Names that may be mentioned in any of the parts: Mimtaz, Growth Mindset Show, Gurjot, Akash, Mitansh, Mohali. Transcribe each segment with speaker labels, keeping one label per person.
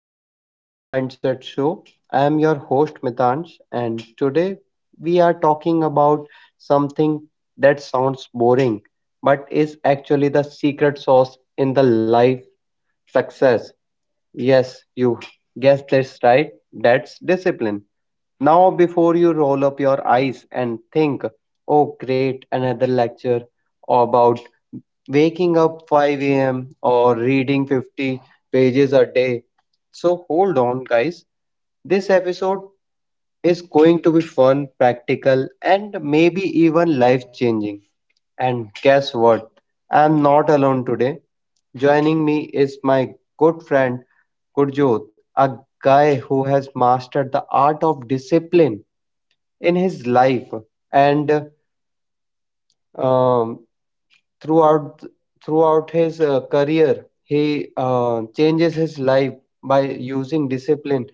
Speaker 1: back to the Growth Mindset Show. I am your host Mitansh, and today we are talking about something that sounds boring but is actually the secret sauce in the life success. Yes, you guessed this right. That's discipline. Now, before you roll up your eyes and think, oh, great, another lecture about waking up 5 a.m. or reading 50 pages a day. So, hold on, guys. This episode is going to be fun, practical, and maybe even life changing. And guess what? I'm not alone today. Joining me is my good friend Gurjot, a guy who has mastered the art of discipline in his life and um, throughout throughout his career he changes his life by using discipline,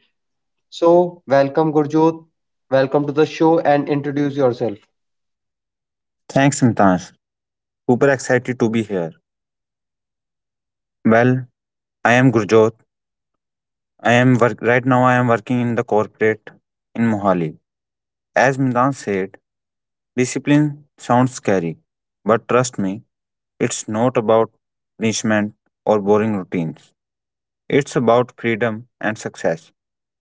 Speaker 1: so welcome Gurjot, welcome to the show and introduce yourself.
Speaker 2: Thanks, Mimtaz. Super excited to be here. Well, I am Gurjot. I am work right now. I am working in the corporate in Mohali. As Mimtaz said, discipline sounds scary, but trust me, it's not about punishment or boring routines. It's about freedom and success.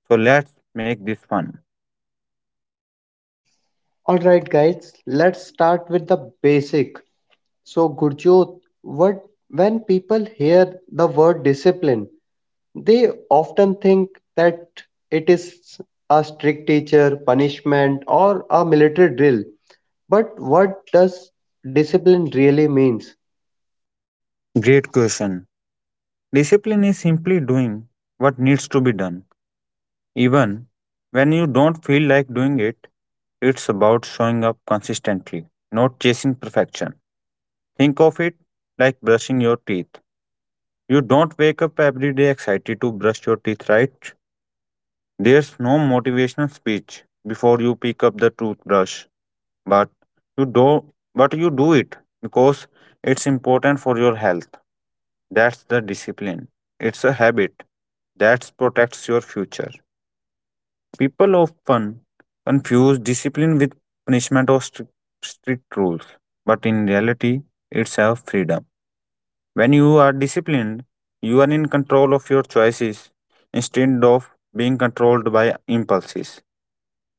Speaker 2: So let's make this fun.
Speaker 1: All right, guys, let's start with the basic. So, Gurjot, what when people hear the word discipline, they often think that it is a strict teacher, punishment, or a military drill. But what does discipline really means?
Speaker 2: Great question. Discipline is simply doing what needs to be done even when you don't feel like doing it. It's about showing up consistently, not chasing perfection. Think of it like brushing your teeth. You don't wake up every day excited to brush your teeth, right? There's no motivational speech before you pick up the toothbrush, but you do it because it's important for your health. That's the discipline. It's a habit that protects your future. People often confuse discipline with punishment or strict rules, but in reality, it's a freedom. When you are disciplined, you are in control of your choices instead of being controlled by impulses.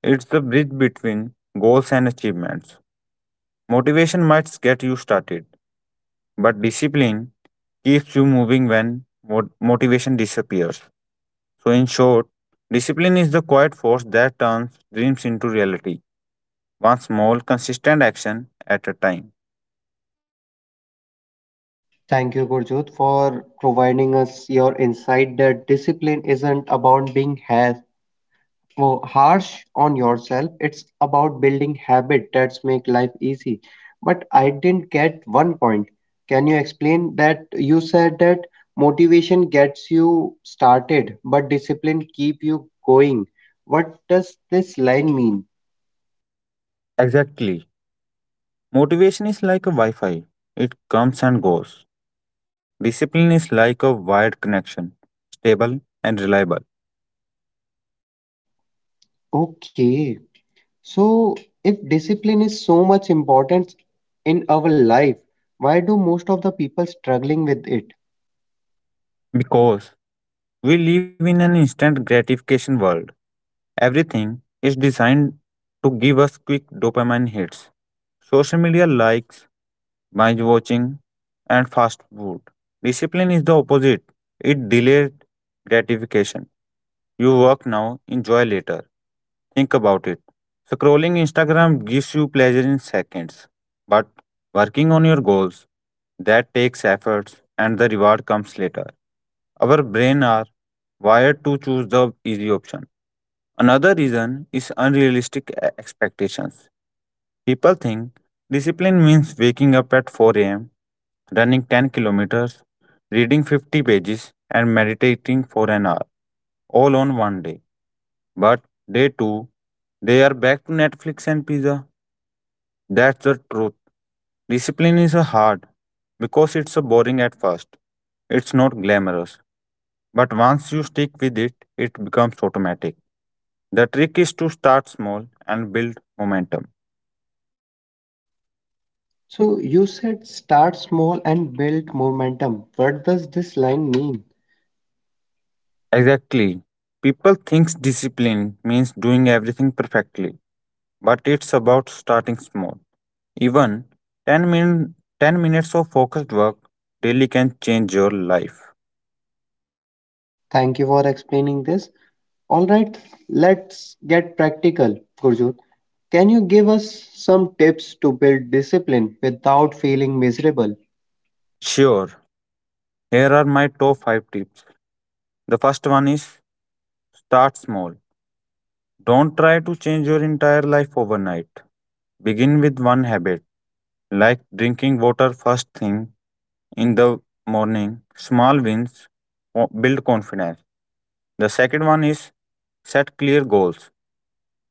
Speaker 2: It's the bridge between goals and achievements. Motivation might get you started, but discipline keeps you moving when motivation disappears. So, in short, discipline is the quiet force that turns dreams into reality, one small consistent action at a time.
Speaker 1: Thank you, Gurjot, for providing us your insight that discipline isn't about being harsh, oh, harsh on yourself. It's about building habit that's make life easy. But I didn't get one point. Can you explain that you said that motivation gets you started, but discipline keep you going. What does this line mean?
Speaker 2: Exactly. Motivation is like a Wi Fi, it comes and goes. Discipline is like a wired connection, stable and reliable.
Speaker 1: Okay. So if discipline is so much important in our life, why do most of the people struggling with it?
Speaker 2: Because we live in an instant gratification world, everything is designed to give us quick dopamine hits. Social media likes, binge watching, and fast food. Discipline is the opposite, it delays gratification. You work now, enjoy later. Think about it. Scrolling Instagram gives you pleasure in seconds, but working on your goals, that takes efforts and the reward comes later. Our brain are wired to choose the easy option. Another reason is unrealistic expectations. People think discipline means waking up at 4 a.m., running 10 kilometers, reading 50 pages, and meditating for an hour all on one day. But day two, they are back to Netflix and pizza. That's the truth. Discipline is a hard because it's a boring at first. It's not glamorous. But once you stick with it, it becomes automatic. The trick is to start small and build momentum.
Speaker 1: So you said start small and build momentum. What does this line mean?
Speaker 2: Exactly. People think discipline means doing everything perfectly, but it's about starting small. Even 10 minutes of focused work daily can change your life.
Speaker 1: Thank you for explaining this. All right, let's get practical, Gurjot. Can you give us some tips to build discipline without feeling miserable?
Speaker 2: Sure, here are my top 5 tips. The first one is start small. Don't try to change your entire life overnight. Begin with one habit, like drinking water first thing in the morning. Small wins build confidence. The second one is set clear goals.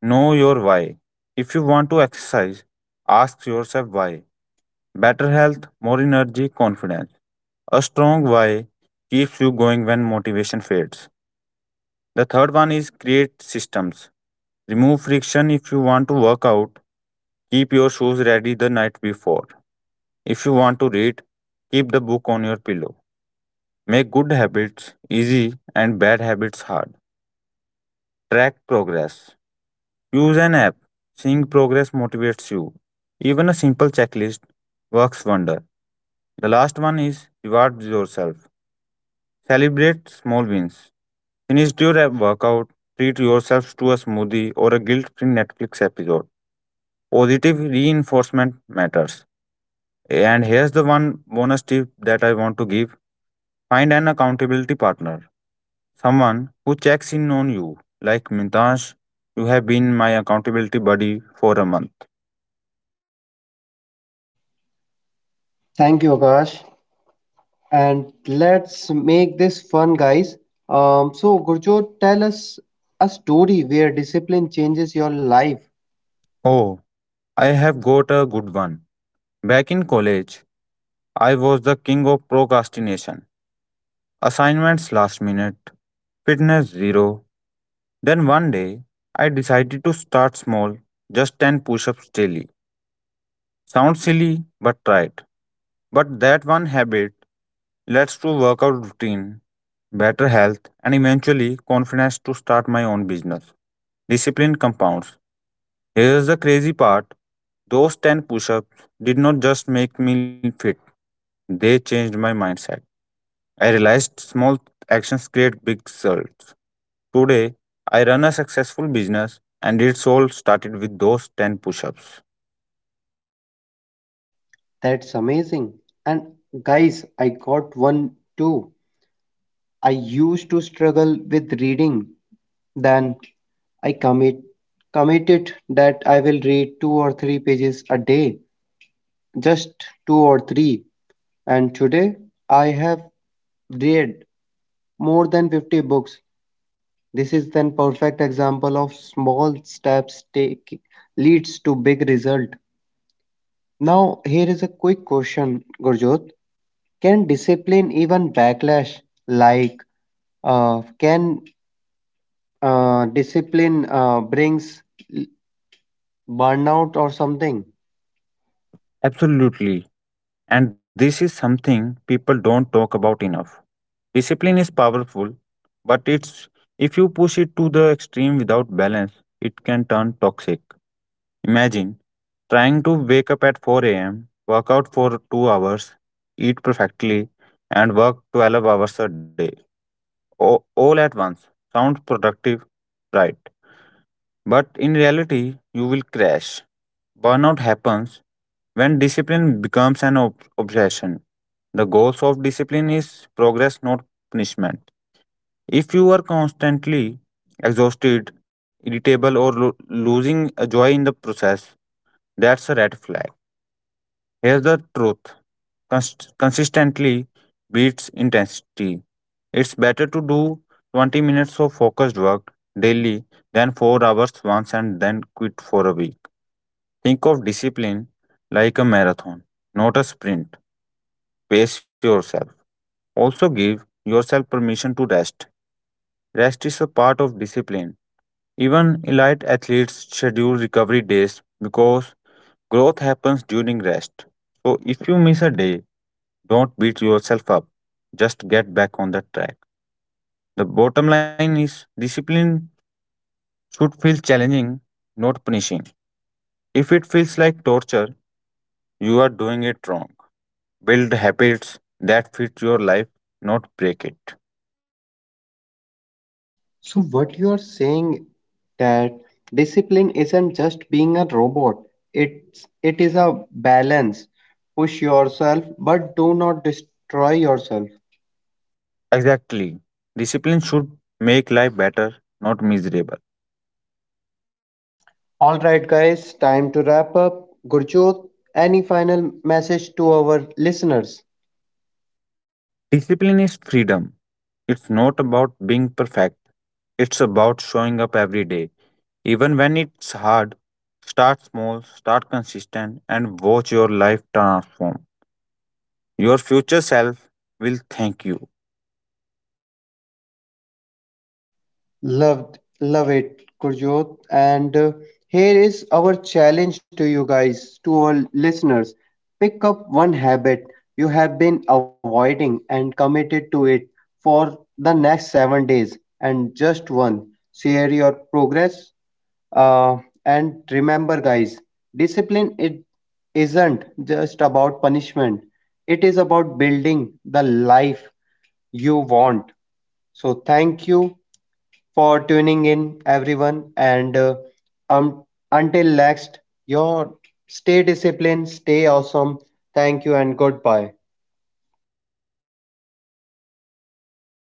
Speaker 2: Know your why. If you want to exercise, ask yourself why. Better health, more energy, confidence. A strong why keeps you going when motivation fades. The third one is create systems. Remove friction if you want to work out. Keep your shoes ready the night before. If you want to read, keep the book on your pillow. Make good habits easy and bad habits hard. Track progress. Use an app. Seeing progress motivates you. Even a simple checklist works wonder. The last one is reward yourself. Celebrate small wins. Finish your workout, treat yourself to a smoothie or a guilt free Netflix episode. Positive reinforcement matters. And here's the one bonus tip that I want to give: find an accountability partner, someone who checks in on you. Like Mintash, you have been my accountability buddy for a month.
Speaker 1: Thank you, Akash. And let's make this fun, guys. So, Gurjot, tell us a story where discipline changes your life.
Speaker 2: Oh, I have got a good one. Back in college, I was the king of procrastination. Assignments last minute, fitness zero. Then one day, I decided to start small, just 10 push ups daily. Sounds silly, but try it. But that one habit leads to workout routine, better health, and eventually confidence to start my own business. Discipline compounds. Here's the crazy part: those 10 push ups did not just make me fit, they changed my mindset. I realized small actions create big results. Today, I run a successful business and it's all started with those 10 push ups.
Speaker 1: That's amazing. And, guys, I got one too. I used to struggle with reading. Then I committed that I will read two or three pages a day, just two or three. And today I have read more than 50 books. This is an perfect example of small steps take leads to big result. Now here is a quick question, Gurjot. Can discipline even backlash, like can discipline brings l- burnout or something.
Speaker 2: Absolutely. And this is something people don't talk about enough. Discipline is powerful, but it's if you push it to the extreme without balance, it can turn toxic. Imagine trying to wake up at 4 a.m., work out for 2 hours, eat perfectly, and work 12 hours a day, all at once. Sounds productive, right? But in reality, you will crash. Burnout happens when discipline becomes an obsession. The goals of discipline is progress, not punishment. If you are constantly exhausted, irritable, or losing a joy in the process, that's a red flag. Here's the truth: consistently beats intensity. It's better to do 20 minutes of focused work daily than 4 hours once and then quit for a week. Think of discipline like a marathon, not a sprint. Pace yourself. Also, give yourself permission to rest. Rest is a part of discipline. Even elite athletes schedule recovery days because growth happens during rest. So, if you miss a day, don't beat yourself up. Just get back on the track. The bottom line is discipline should feel challenging, not punishing. If it feels like torture, you are doing it wrong. Build habits that fit your life, not break it.
Speaker 1: So what you are saying that discipline isn't just being a robot. It is a balance. Push yourself, but do not destroy yourself.
Speaker 2: Exactly. Discipline should make life better, not miserable.
Speaker 1: All right, guys, time to wrap up. Gurjot, any final message to our listeners?
Speaker 2: Discipline is freedom. It's not about being perfect, it's about showing up every day. Even when it's hard, start small, start consistent, and watch your life transform. Your future self will thank you.
Speaker 1: Love it, Gurjot. And here is our challenge to you guys, to our listeners. Pick up one habit you have been avoiding and committed to it for the next 7 days, and just one. Share your progress. Uh, and remember, guys, discipline it isn't just about punishment. It is about building the life you want. So thank you for tuning in, everyone. And um, until next, your stay disciplined, stay awesome. Thank you and goodbye.